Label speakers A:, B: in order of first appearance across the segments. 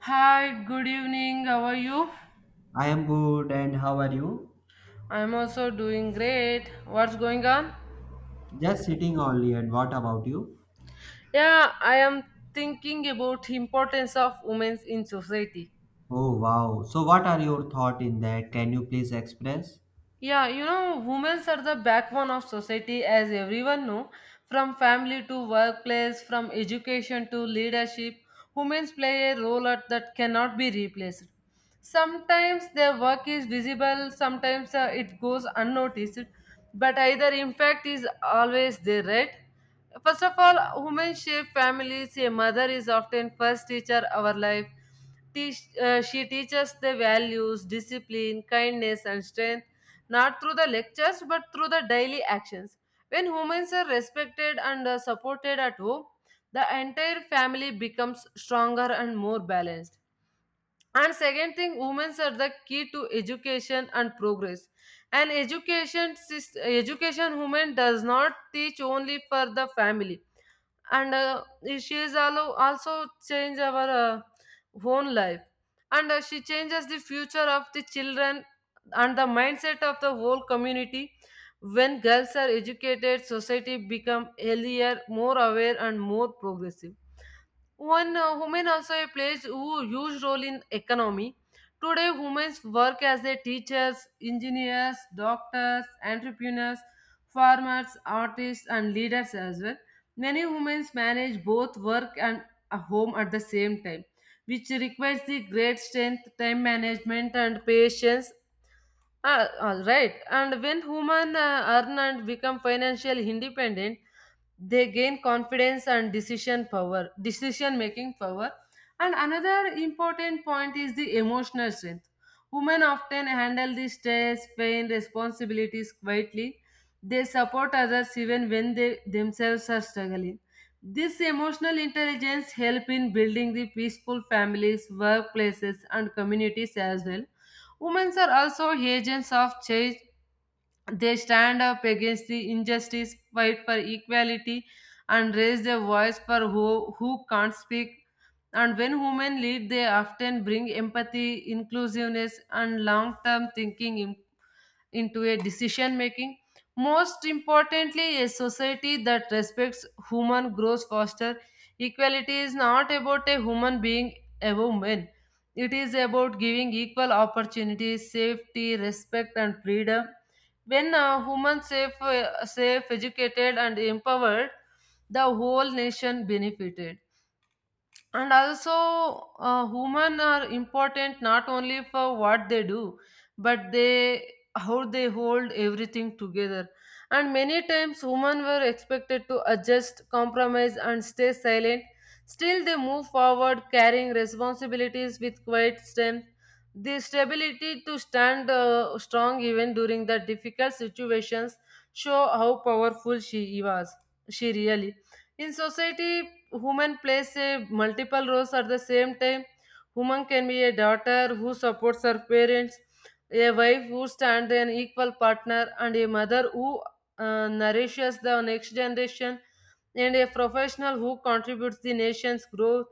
A: Hi, good evening. How are you?
B: I am good, and how are you?
A: I'm also doing great. What's going on?
B: Just sitting only, and what about you?
A: Yeah, I am thinking about importance of women in society.
B: Oh, wow. So, what are your thoughts in that? Can you please express?
A: Yeah, you know, women are the backbone of society as everyone know, from family to workplace, from education to leadership. Women play a role at that cannot be replaced. Sometimes their work is visible, sometimes it goes unnoticed, but either impact is always there, right? First of all, women shape families. A mother is often first teacher our life. She teaches the values, discipline, kindness, and strength, not through the lectures but through the daily actions. When women are respected and supported at home, the entire family becomes stronger and more balanced, and second thing, women are the key to education and progress. And education women does not teach only for the family, and she is also change our own life, and she changes the future of the children and the mindset of the whole community. When girls are educated, society become healthier, more aware, and more progressive. One woman also plays a huge role in economy. Today, women work as a teachers, engineers, doctors, entrepreneurs, farmers, artists, and leaders as well. Many women manage both work and a home at the same time, which requires the great strength, time management, and patience. All right. And when women earn and become financially independent, they gain confidence and decision power, decision making power. And another important point is the emotional strength. Women often handle the stress, pain, responsibilities quietly. They support others even when they themselves are struggling. This emotional intelligence help in building the peaceful families, workplaces, and communities as well. Women are also agents of change. They stand up against the injustice, fight for equality, and raise their voice for who can't speak. And when women lead, they often bring empathy, inclusiveness, and long term thinking into a decision making. Most importantly, a society that respects human grows faster. Equality is not about a human being above men. It is about giving equal opportunities, safety, respect, and freedom. When a human safe, educated, and empowered, the whole nation benefited. And also, human are important not only for what they do but they, how they hold everything together. And many times women were expected to adjust, compromise, and stay silent. Still they move forward carrying responsibilities with quiet strength. The stability to stand strong even during the difficult situations show how powerful she was, she really. In society, women plays a multiple roles at the same time. Woman can be a daughter who supports her parents, a wife who stands an equal partner, and a mother who nourishes the next generation, and a professional who contributes the nation's growth.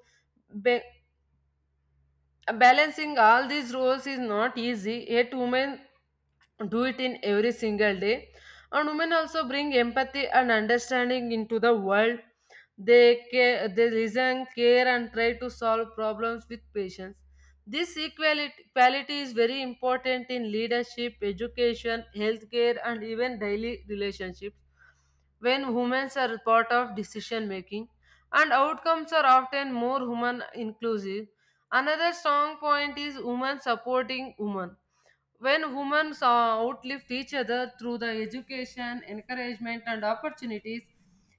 A: Ba- Balancing all these roles is not easy. Yet, women do it in every single day. And women also bring empathy and understanding into the world. They care, they listen, care and try to solve problems with patience. This equality quality is very important in leadership, education, healthcare, and even daily relationships. When women are part of decision making, and outcomes are often more human inclusive. Another strong point is women supporting women. When women outlift each other through the education, encouragement, and opportunities,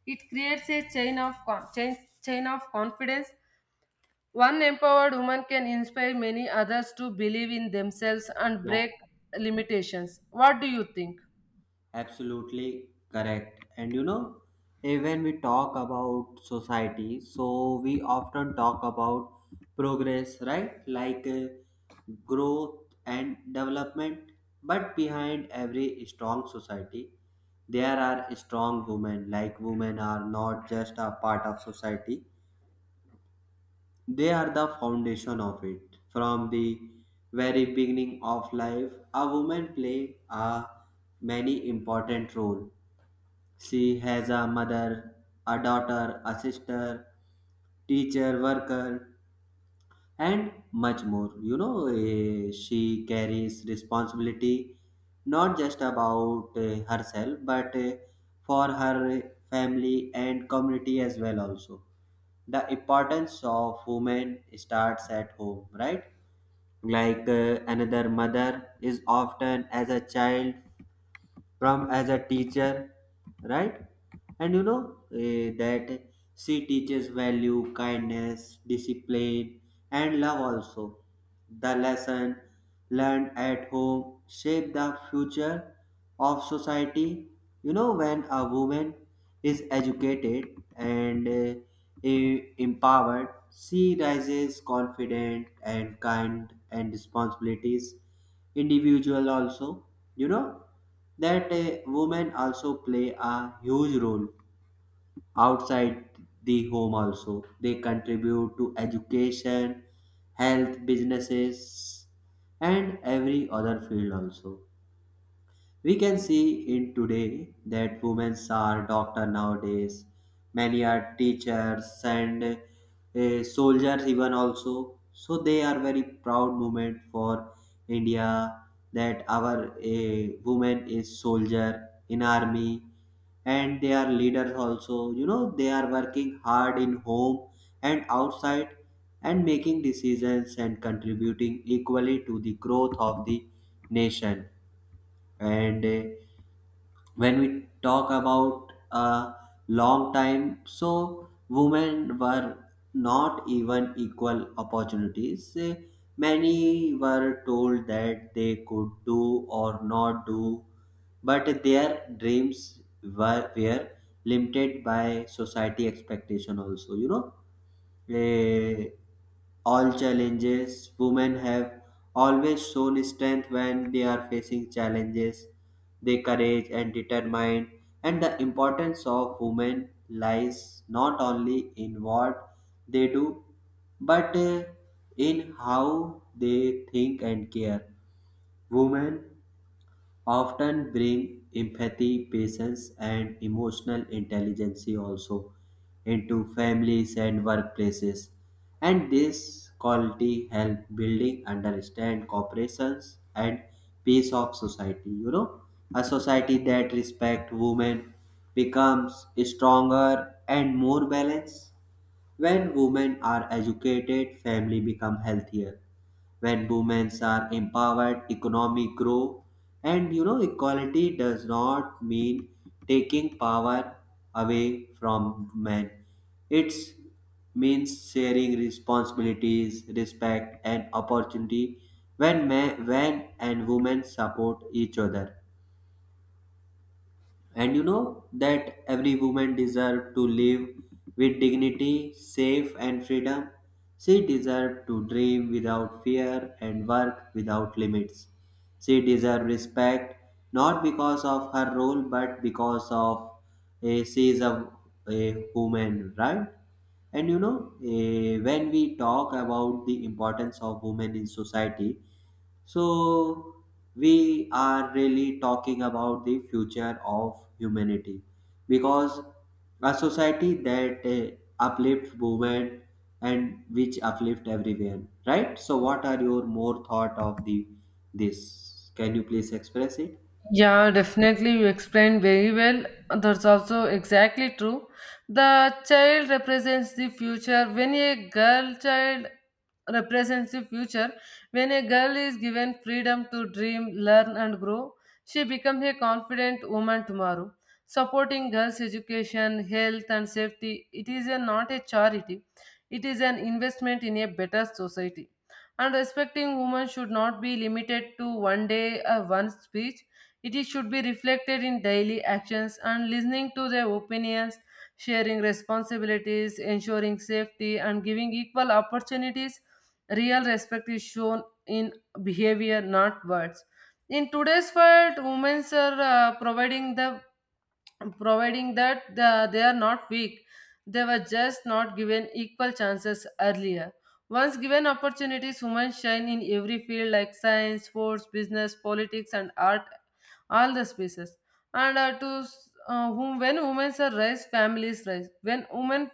A: it creates a chain of confidence. One empowered woman can inspire many others to believe in themselves and
B: Yeah,
A: break limitations. What do you think?
B: absolutely correct. And you know, when we talk about society, so we often talk about progress, right? Like growth and development. But behind every strong society, there are strong women. Like women are not just a part of society; they are the foundation of it. From the very beginning of life, a woman play a many important role. She has a mother, a daughter, a sister, teacher, worker, and much more. You know, she carries responsibility not just about herself but for her family and community as well. Also, the importance of women starts at home, right? Like another mother is often as a child, from as a teacher, right? And you know, that she teaches value, kindness, discipline, and love also. The lesson learned at home shape the future of society. You know, when a woman is educated and empowered, she rises confident and kind and responsibilities individual also. You know that women also play a huge role outside the home also. They contribute to education, health, businesses, and every other field also. We can see it today that women are doctor nowadays. Many are teachers and soldiers even also. So they are very proud moment for India that our woman is soldier in army, and they are leaders also. You know, they are working hard in home and outside, and making decisions and contributing equally to the growth of the nation. And when we talk about a long time, so women were not even equal opportunities. Many were told that they could do or not do, but their dreams were limited by society expectation also, you know. Eh, all challenges, women have always shown strength when they are facing challenges, their courage and determined. And the importance of women lies not only in what they do but in how they think and care. Women often bring empathy, patience, and emotional intelligence also into families and workplaces. And this quality help building understand corporations and peace of society. You know, a society that respect women becomes stronger and more balanced. When women are educated, family become healthier. When women are empowered, economy grow. And you know, equality does not mean taking power away from men. It means sharing responsibilities, respect, and opportunity when men, when and women support each other. And you know that every woman deserves to live with dignity, safe and freedom. She deserves to dream without fear and work without limits. She deserves respect not because of her role but because of she is a woman, right? And you know, when we talk about the importance of women in society, so, we are really talking about the future of humanity, because a society that uplifts women and which uplift everyone, right? So, what are your more thought of the this? Can you please express it?
A: Yeah, definitely. You explained very well. That's also exactly true. The child represents the future. When a girl child represents the future, When a girl is given freedom to dream, learn, and grow, she becomes a confident woman tomorrow. Supporting girls' education, health, and safety, it is a, not a charity, it is an investment in a better society. And respecting women should not be limited to one day or one speech, it should be reflected in daily actions, and listening to their opinions, sharing responsibilities, ensuring safety, and giving equal opportunities. Real respect is shown in behavior, not words. In today's world, women are providing the providing that they are not weak. They were just not given equal chances earlier. Once given opportunities, women shine in every field like science, sports, business, politics, and art, all the spaces. And whom, when women are raised, families rise.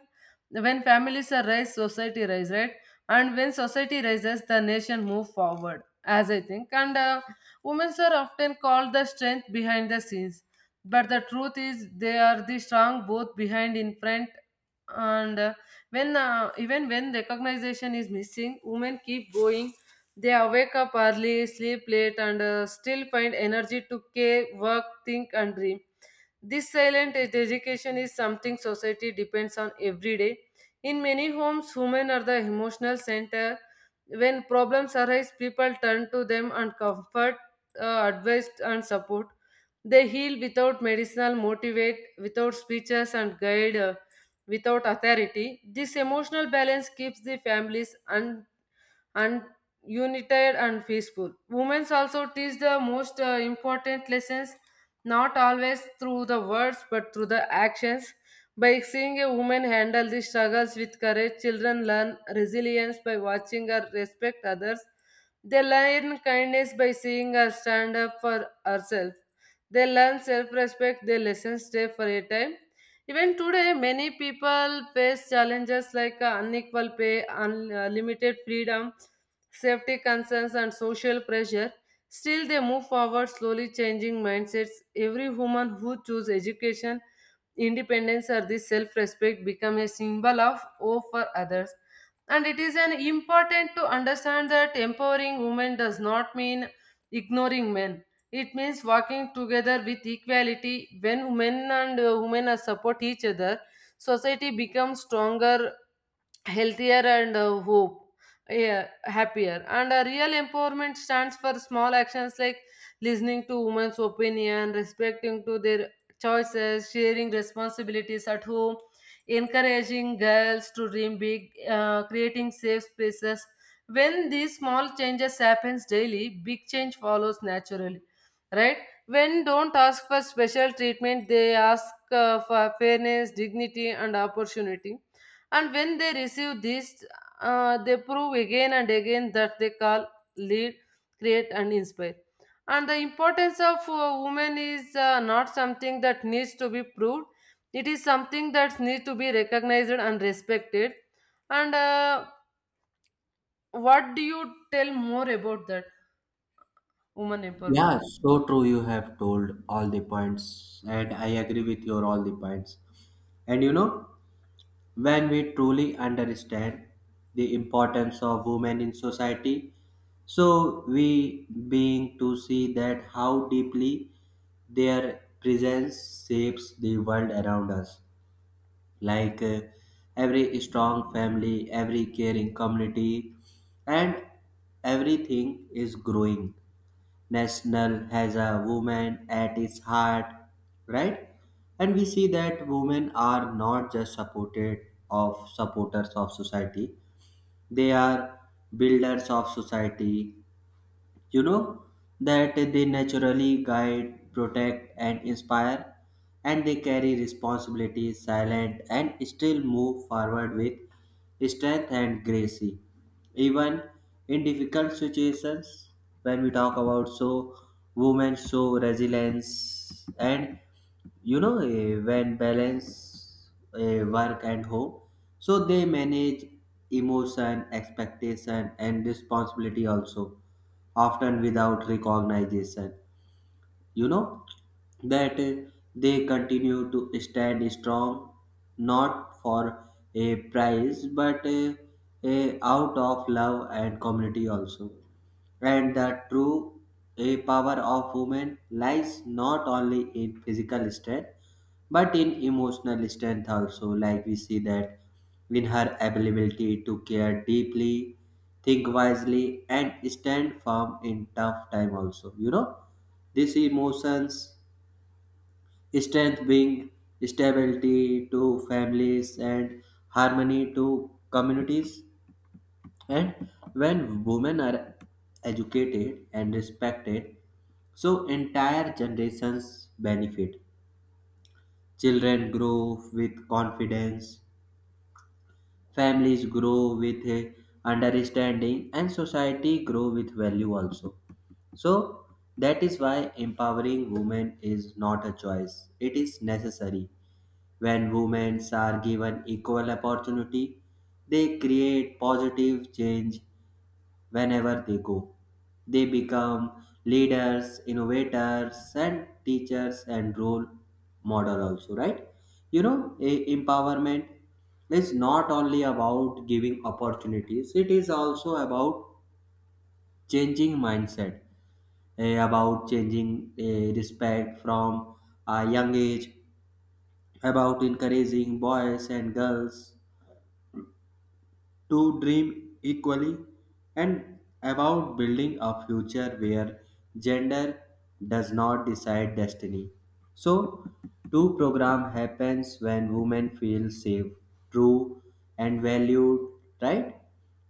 A: When families are raised, society rise, right? And when society rises, the nation move forward, as I think. And women are often called the strength behind the scenes, but the truth is they are the strong both behind in front. And when even when recognition is missing, women keep going. They are wake up early, sleep late, and still find energy to care, work, think, and dream. This education is something society depends on every day. In many homes, women are the emotional center. When problems arise, people turn to them and comfort, advice, and support. They heal without medicinal, motivate without speeches, and guide without authority. This emotional balance keeps the families un- and united and peaceful. Women also teach the most important lessons, not always through the words but through the actions. By seeing a woman handle the struggles with courage, children learn resilience by watching her respect others. They learn kindness by seeing her stand up for herself. They learn self respect, their lessons stay for a time. Even today, many people face challenges like unequal pay, unlimited freedom, safety concerns, and social pressure. Still, they move forward, slowly changing mindsets. Every woman who chooses education, independence, or this self-respect become a symbol of hope for others. And it is an important to understand that empowering women does not mean ignoring men. It means working together with equality. When women are support each other, society becomes stronger, healthier, and happier. And a real empowerment stands for small actions like listening to women's opinion, respecting to their choices, sharing responsibilities at home, encouraging girls to dream big, creating safe spaces. When these small changes happens daily, big change follows naturally, right? When don't ask for special treatment, they ask for fairness, dignity, and opportunity. And when they receive this, they prove again and again that they call, lead, create, and inspire. And the importance of women is not something that needs to be proved. It is something that needs to be recognized and respected. And what do you tell more about that woman empowerment?
B: Yeah, so true. You have told all the points, and I agree with your all the points. And you know, when we truly understand the importance of women in society, so we being to see that how deeply their presence shapes the world around us. Like every strong family, every caring community, and everything is growing national has a woman at its heart, right? And we see that women are not just supported of supporters of society; they are builders of society. You know that they naturally guide, protect, and inspire, and they carry responsibilities silent and still move forward with strength and grace. Even in difficult situations, when we talk about so women show resilience. And you know, when balance work and home, so they manage emotion, expectation, and responsibility also, often without recognition. You know that they continue to stand strong not for a prize but out of love and community also. And the true power of women lies not only in physical strength but in emotional strength also. Like we see that in her ability to care deeply, think wisely, and stand firm in tough time also. You know, these emotions strength bring stability to families and harmony to communities. And when women are educated and respected, so entire generations benefit. Children grow with confidence, families grow with a understanding, and society grow with value also. So that is why empowering women is not a choice; it is necessary. When women are given equal opportunity, they create positive change whenever they go. They become leaders, innovators, and teachers and role model also, right? You know, empowerment is not only about giving opportunities, it is also about changing mindset, about changing respect from a young age, about encouraging boys and girls to dream equally, and about building a future where gender does not decide destiny. So, two program happens when women feel safe, true, and valued, right?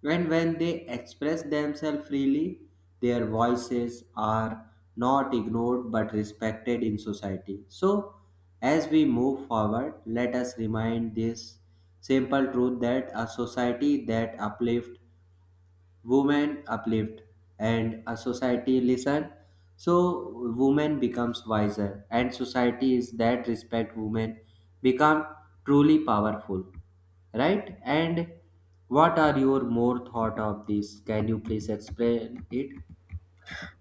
B: And when they express themselves freely, their voices are not ignored but respected in society. So, as we move forward, let us remind this simple truth that a society that uplifts women uplift, and a society listen so women becomes wiser, and society is that respect women become truly powerful, right? And what are your more thought of this? Can you please explain it?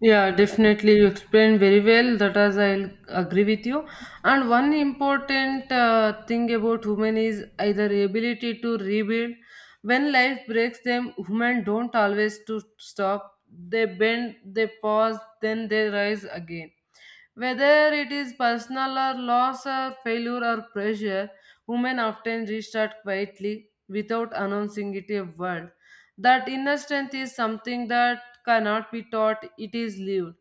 A: Yeah, definitely. You explained very well. That as is, agree with you. And one important thing about women is either ability to rebuild. When life breaks them, women don't always to stop. They bend, they pause, then they rise again. Whether it is personal or loss or failure or pressure, women often restart quietly without announcing it a word. That inner strength is something that cannot be taught, it is lived.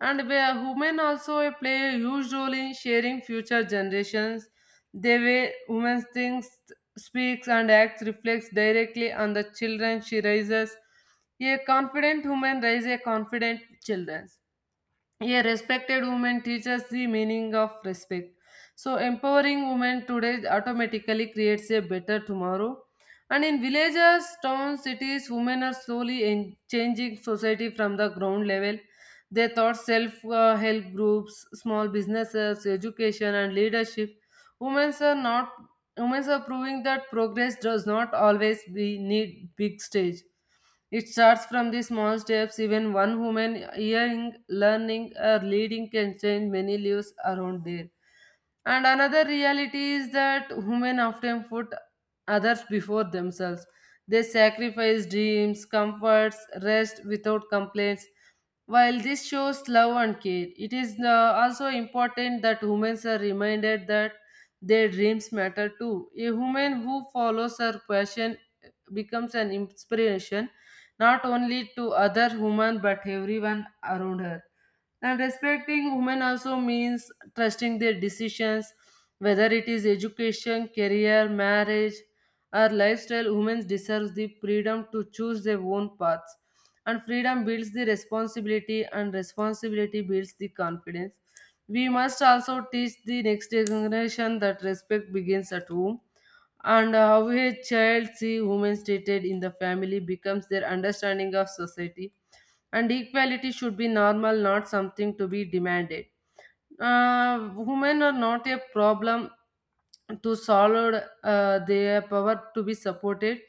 A: And where women also play a huge role in sharing future generations, the way women thinks, speaks, and acts reflects directly on the children she raises. A confident woman raises a confident children. A respected woman teaches the meaning of respect. So, empowering women today automatically creates a better tomorrow. And in villages, towns, cities, women are changing society from the ground level. They thought self help groups, small businesses, education, and leadership. Women are not. Women are proving that progress does not always be need big stage. It starts from the small steps, even one woman hearing, learning, or leading can change many lives around there. And another reality is that women often put others before themselves. They sacrifice dreams, comforts, rest without complaints. While this shows love and care, it is also important that women are reminded that their dreams matter too. A woman who follows her passion becomes an inspiration not only to other women but everyone around her. And respecting women also means trusting their decisions, whether it is education, career, marriage, or lifestyle. Women deserve the freedom to choose their own paths, and freedom builds the responsibility, and responsibility builds the confidence. We must also teach the next generation that respect begins at home, and how a child see women treated in the family becomes their understanding of society. And equality should be normal, not something to be demanded. Women are not a problem to solve, their power to be supported.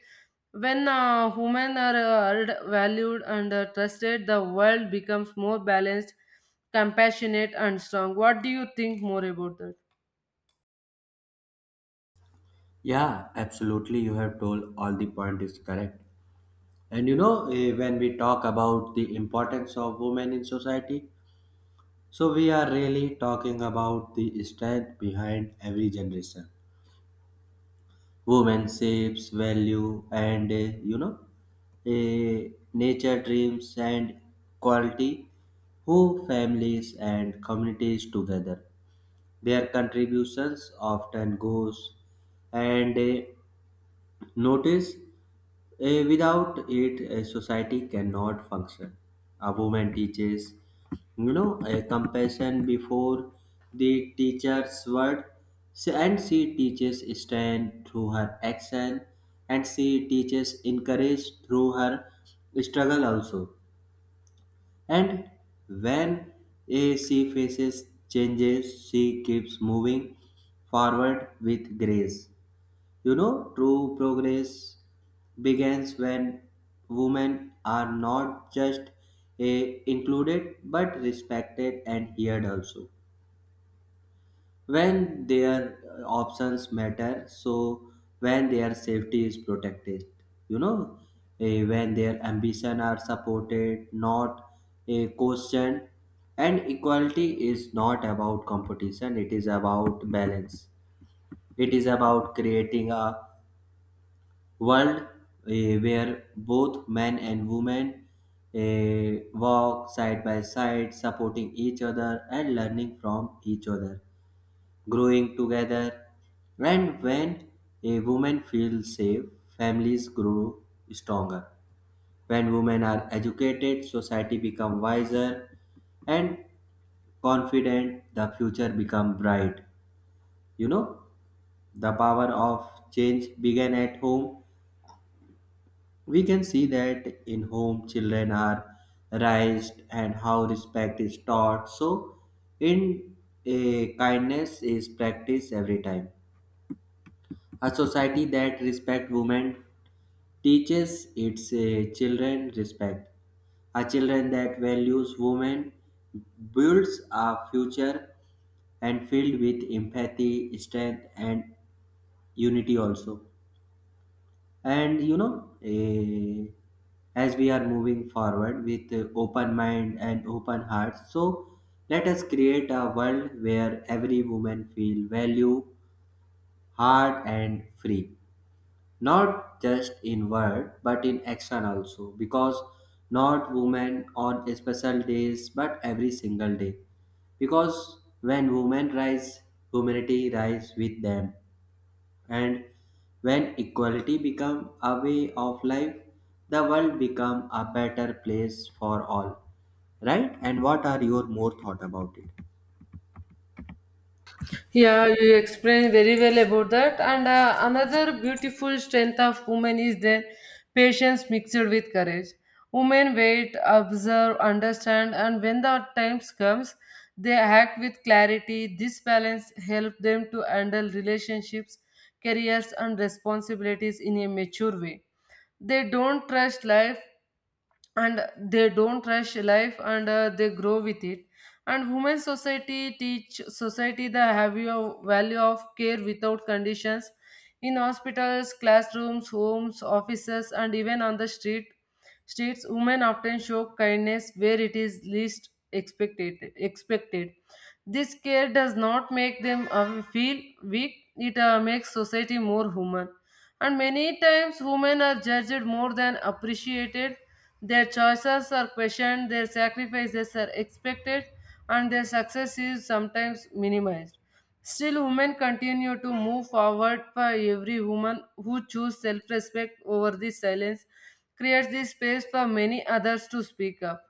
A: When women are heard, valued, and trusted, the world becomes more balanced, compassionate, and strong. What do you think more about that?
B: Yeah, absolutely. You have told all the point is correct. And you know, when we talk about the importance of women in society, so we are really talking about the strength behind every generation. Women shapes value and you know, uh, nature dreams and quality who families and communities together. Their contributions often goes and notice without it, a society cannot function. A woman teaches, you know, a compassion before the teacher's word. And she teaches strength through her action, and she teaches encourage through her struggle also. And when she faces changes, she keeps moving forward with grace. You know, true progress begins when women are not just included but respected and heard also. When their options matter, so when their safety is protected, you know, when their ambition are supported, not a question. And equality is not about competition, it is about balance. It is about creating a world where both men and women walk side by side, supporting each other and learning from each other, growing together. And when a woman feels safe, families grow stronger. When women are educated, society becomes wiser and confident, the future becomes bright. You know, the power of change began at home. We can see that in home children are raised and how respect is taught. So, in a kindness is practiced every time. A society that respect women teaches its children respect. A children that values women builds a future and filled with empathy, strength, and unity also. And you know, as we are moving forward with open mind and open heart, so let us create a world where every woman feel value, hard and free, not just in word but in action also. Because not women on special days but every single day, because when women rise, humanity rise with them. And when equality become a way of life, the world become a better place for all. Right? And what are your more thought about it?
A: Yeah, you explained very well about that. And another beautiful strength of women is their patience mixed with courage. Women wait, observe, understand, and when the times comes, they act with clarity. This balance helps them to handle relationships, careers, and responsibilities in a mature way. They don't trust life and they don't rush life and they grow with it and human society teach society the value of care without conditions in hospitals, classrooms, homes, offices, and even on the streets, women often show kindness where it is least expected. This care does not make them feel weak, it makes society more human. And many times, women are judged more than appreciated. Their choices are questioned, their sacrifices are expected, and their success is sometimes minimized. Still, women continue to move forward, for every woman who choose self-respect over the silence creates the space for many others to speak up.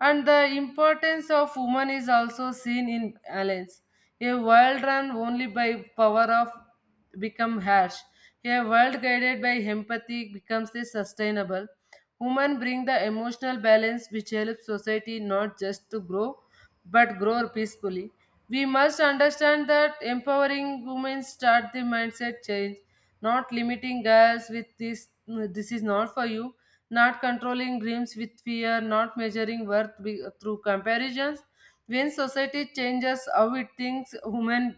A: And the importance of woman is also seen in Alliance. A world run only by power of become harsh. A world guided by empathy becomes the sustainable. Women bring the emotional balance which helps society not just to grow but grow peacefully. We must understand that empowering women start the mindset change, not limiting girls with this, is not for you, not controlling dreams with fear, not measuring worth through comparisons. When society changes how it thinks, women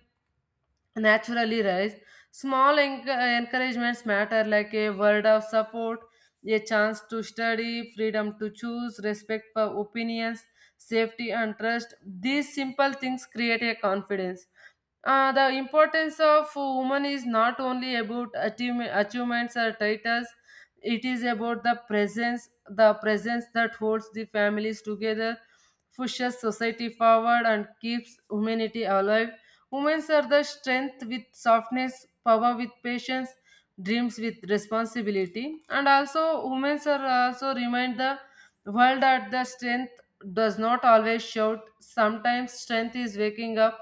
A: naturally rise. Small enc- encouragements matter, like a word of support, a chance to study, freedom to choose, respect for opinions, safety, and trust. These simple things create a confidence. The importance of women is not only about achievements or titles, it is about the presence that holds the families together, pushes society forward, and keeps humanity alive. Women are the strength with softness, power with patience, dreams with responsibility. And also, women are also remind the world that the strength does not always shout. Sometimes strength is waking up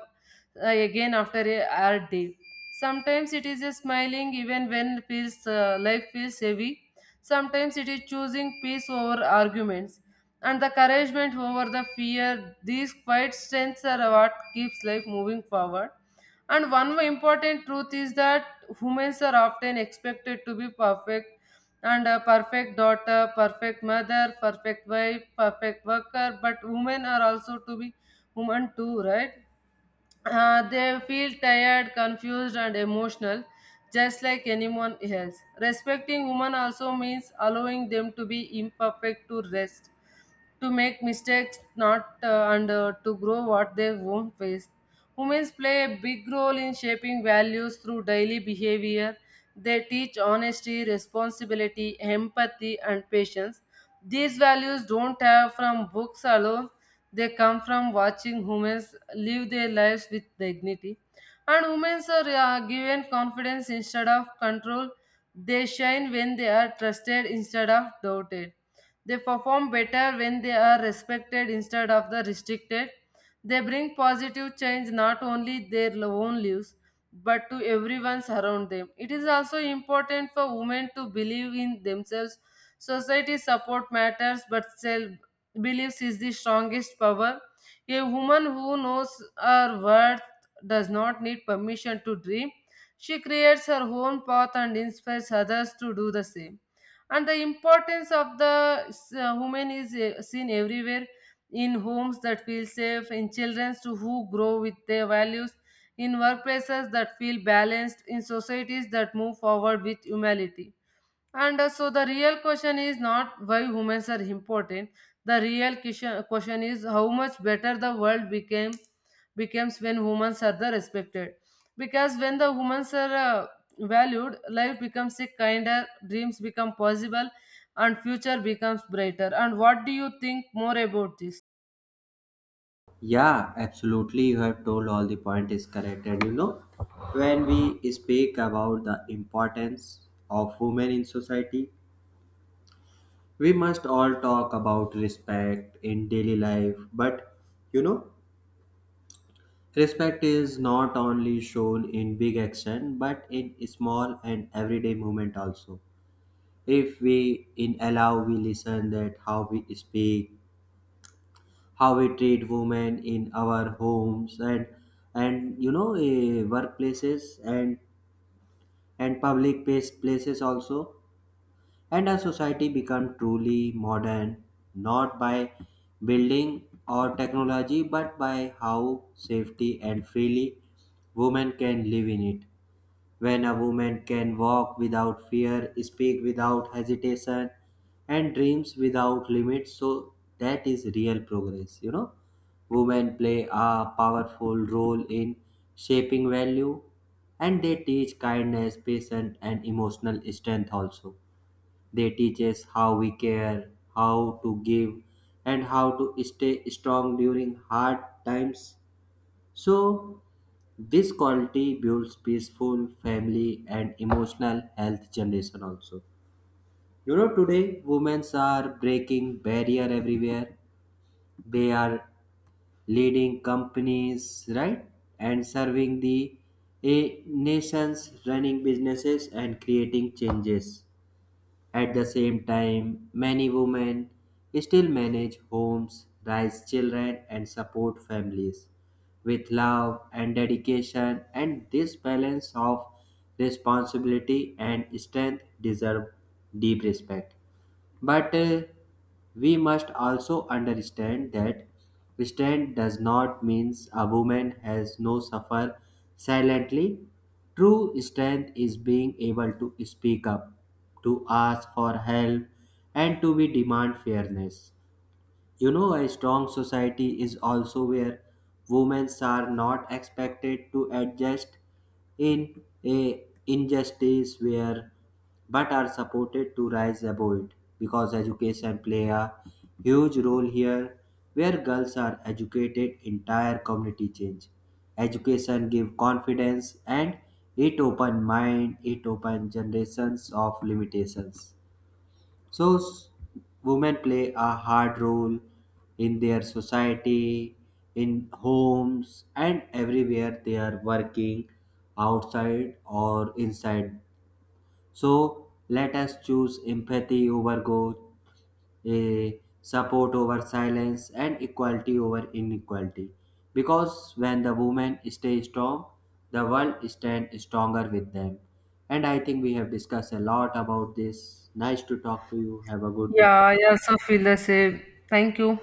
A: again after a hard day. Sometimes it is a smiling even when feels life feels heavy. Sometimes it is choosing peace over arguments and the encouragement over the fear. These quiet strengths are what keeps life moving forward. And one important truth is that humans are often expected to be perfect, and a perfect daughter, perfect mother, perfect wife, perfect worker, but women are also to be human too, right? They feel tired, confused, and emotional just like anyone else. Respecting women also means allowing them to be imperfect, to rest, to make mistakes, not and to grow what they won't face. Women play a big role in shaping values through daily behavior. They teach honesty, responsibility, empathy, and patience. These values don't have from books alone, they come from watching humans live their lives with dignity. And women are given confidence instead of control, they shine when they are trusted instead of doubted, they perform better when they are respected instead of the restricted. They bring positive change not only their own lives but to everyone around them. It is also important for women to believe in themselves. Society support matters, but self beliefs is the strongest power. A woman who knows her worth does not need permission to dream. She creates her own path and inspires others to do the same. And the importance of the woman is seen everywhere, in homes that feel safe, in children to who grow with their values, in workplaces that feel balanced, in societies that move forward with humility. And uh, so the real question is not why women are important. The real question is how much better the world became becomes when women are the respected. Because when the women are valued, life becomes a kinder, dreams become possible, and future becomes brighter. And what do you think more about this?
B: Yeah, absolutely. You have told all the point is correct. And you know, when we speak about the importance of women in society, we must all talk about respect in daily life. But you know, respect is not only shown in big action but in small and everyday movement also. If we in allow we listen that how we speak, how we treat women in our homes and you know, workplaces and public places also. And our society become truly modern not by building or technology but by how safety and freely women can live in it. When a woman can walk without fear, speak without hesitation, and dreams without limits, so that is real progress, you know. Women play a powerful role in shaping value, and they teach kindness, patience, and emotional strength also. They teach us how we care, how to give, and how to stay strong during hard times. So, this quality builds peaceful family and emotional health generation also. You know, today women are breaking barrier everywhere. They are leading companies, right? And serving the a nations, running businesses and creating changes. At the same time, many women still manage homes, raise children, and support families with love and dedication, and this balance of responsibility and strength deserve deep respect. But we must also understand that restraint does not mean a woman has no suffer silently. True strength is being able to speak up, to ask for help, and to be demand fairness. You know, a strong society is also where women are not expected to adjust in a injustice where but are supported to rise above it, because education play a huge role here. Where girls are educated, entire community change. Education give confidence, and it open mind, it open generations of limitations. So, women play a hard role in their society, in homes, and everywhere they are working, outside or inside. So, let us choose empathy over growth, eh, support over silence, and equality over inequality. Because when the women stay strong, the world stands stronger with them. And I think we have discussed a lot about this. Nice to talk to you. Have a good day.
A: Yeah, I also feel the same. Thank you.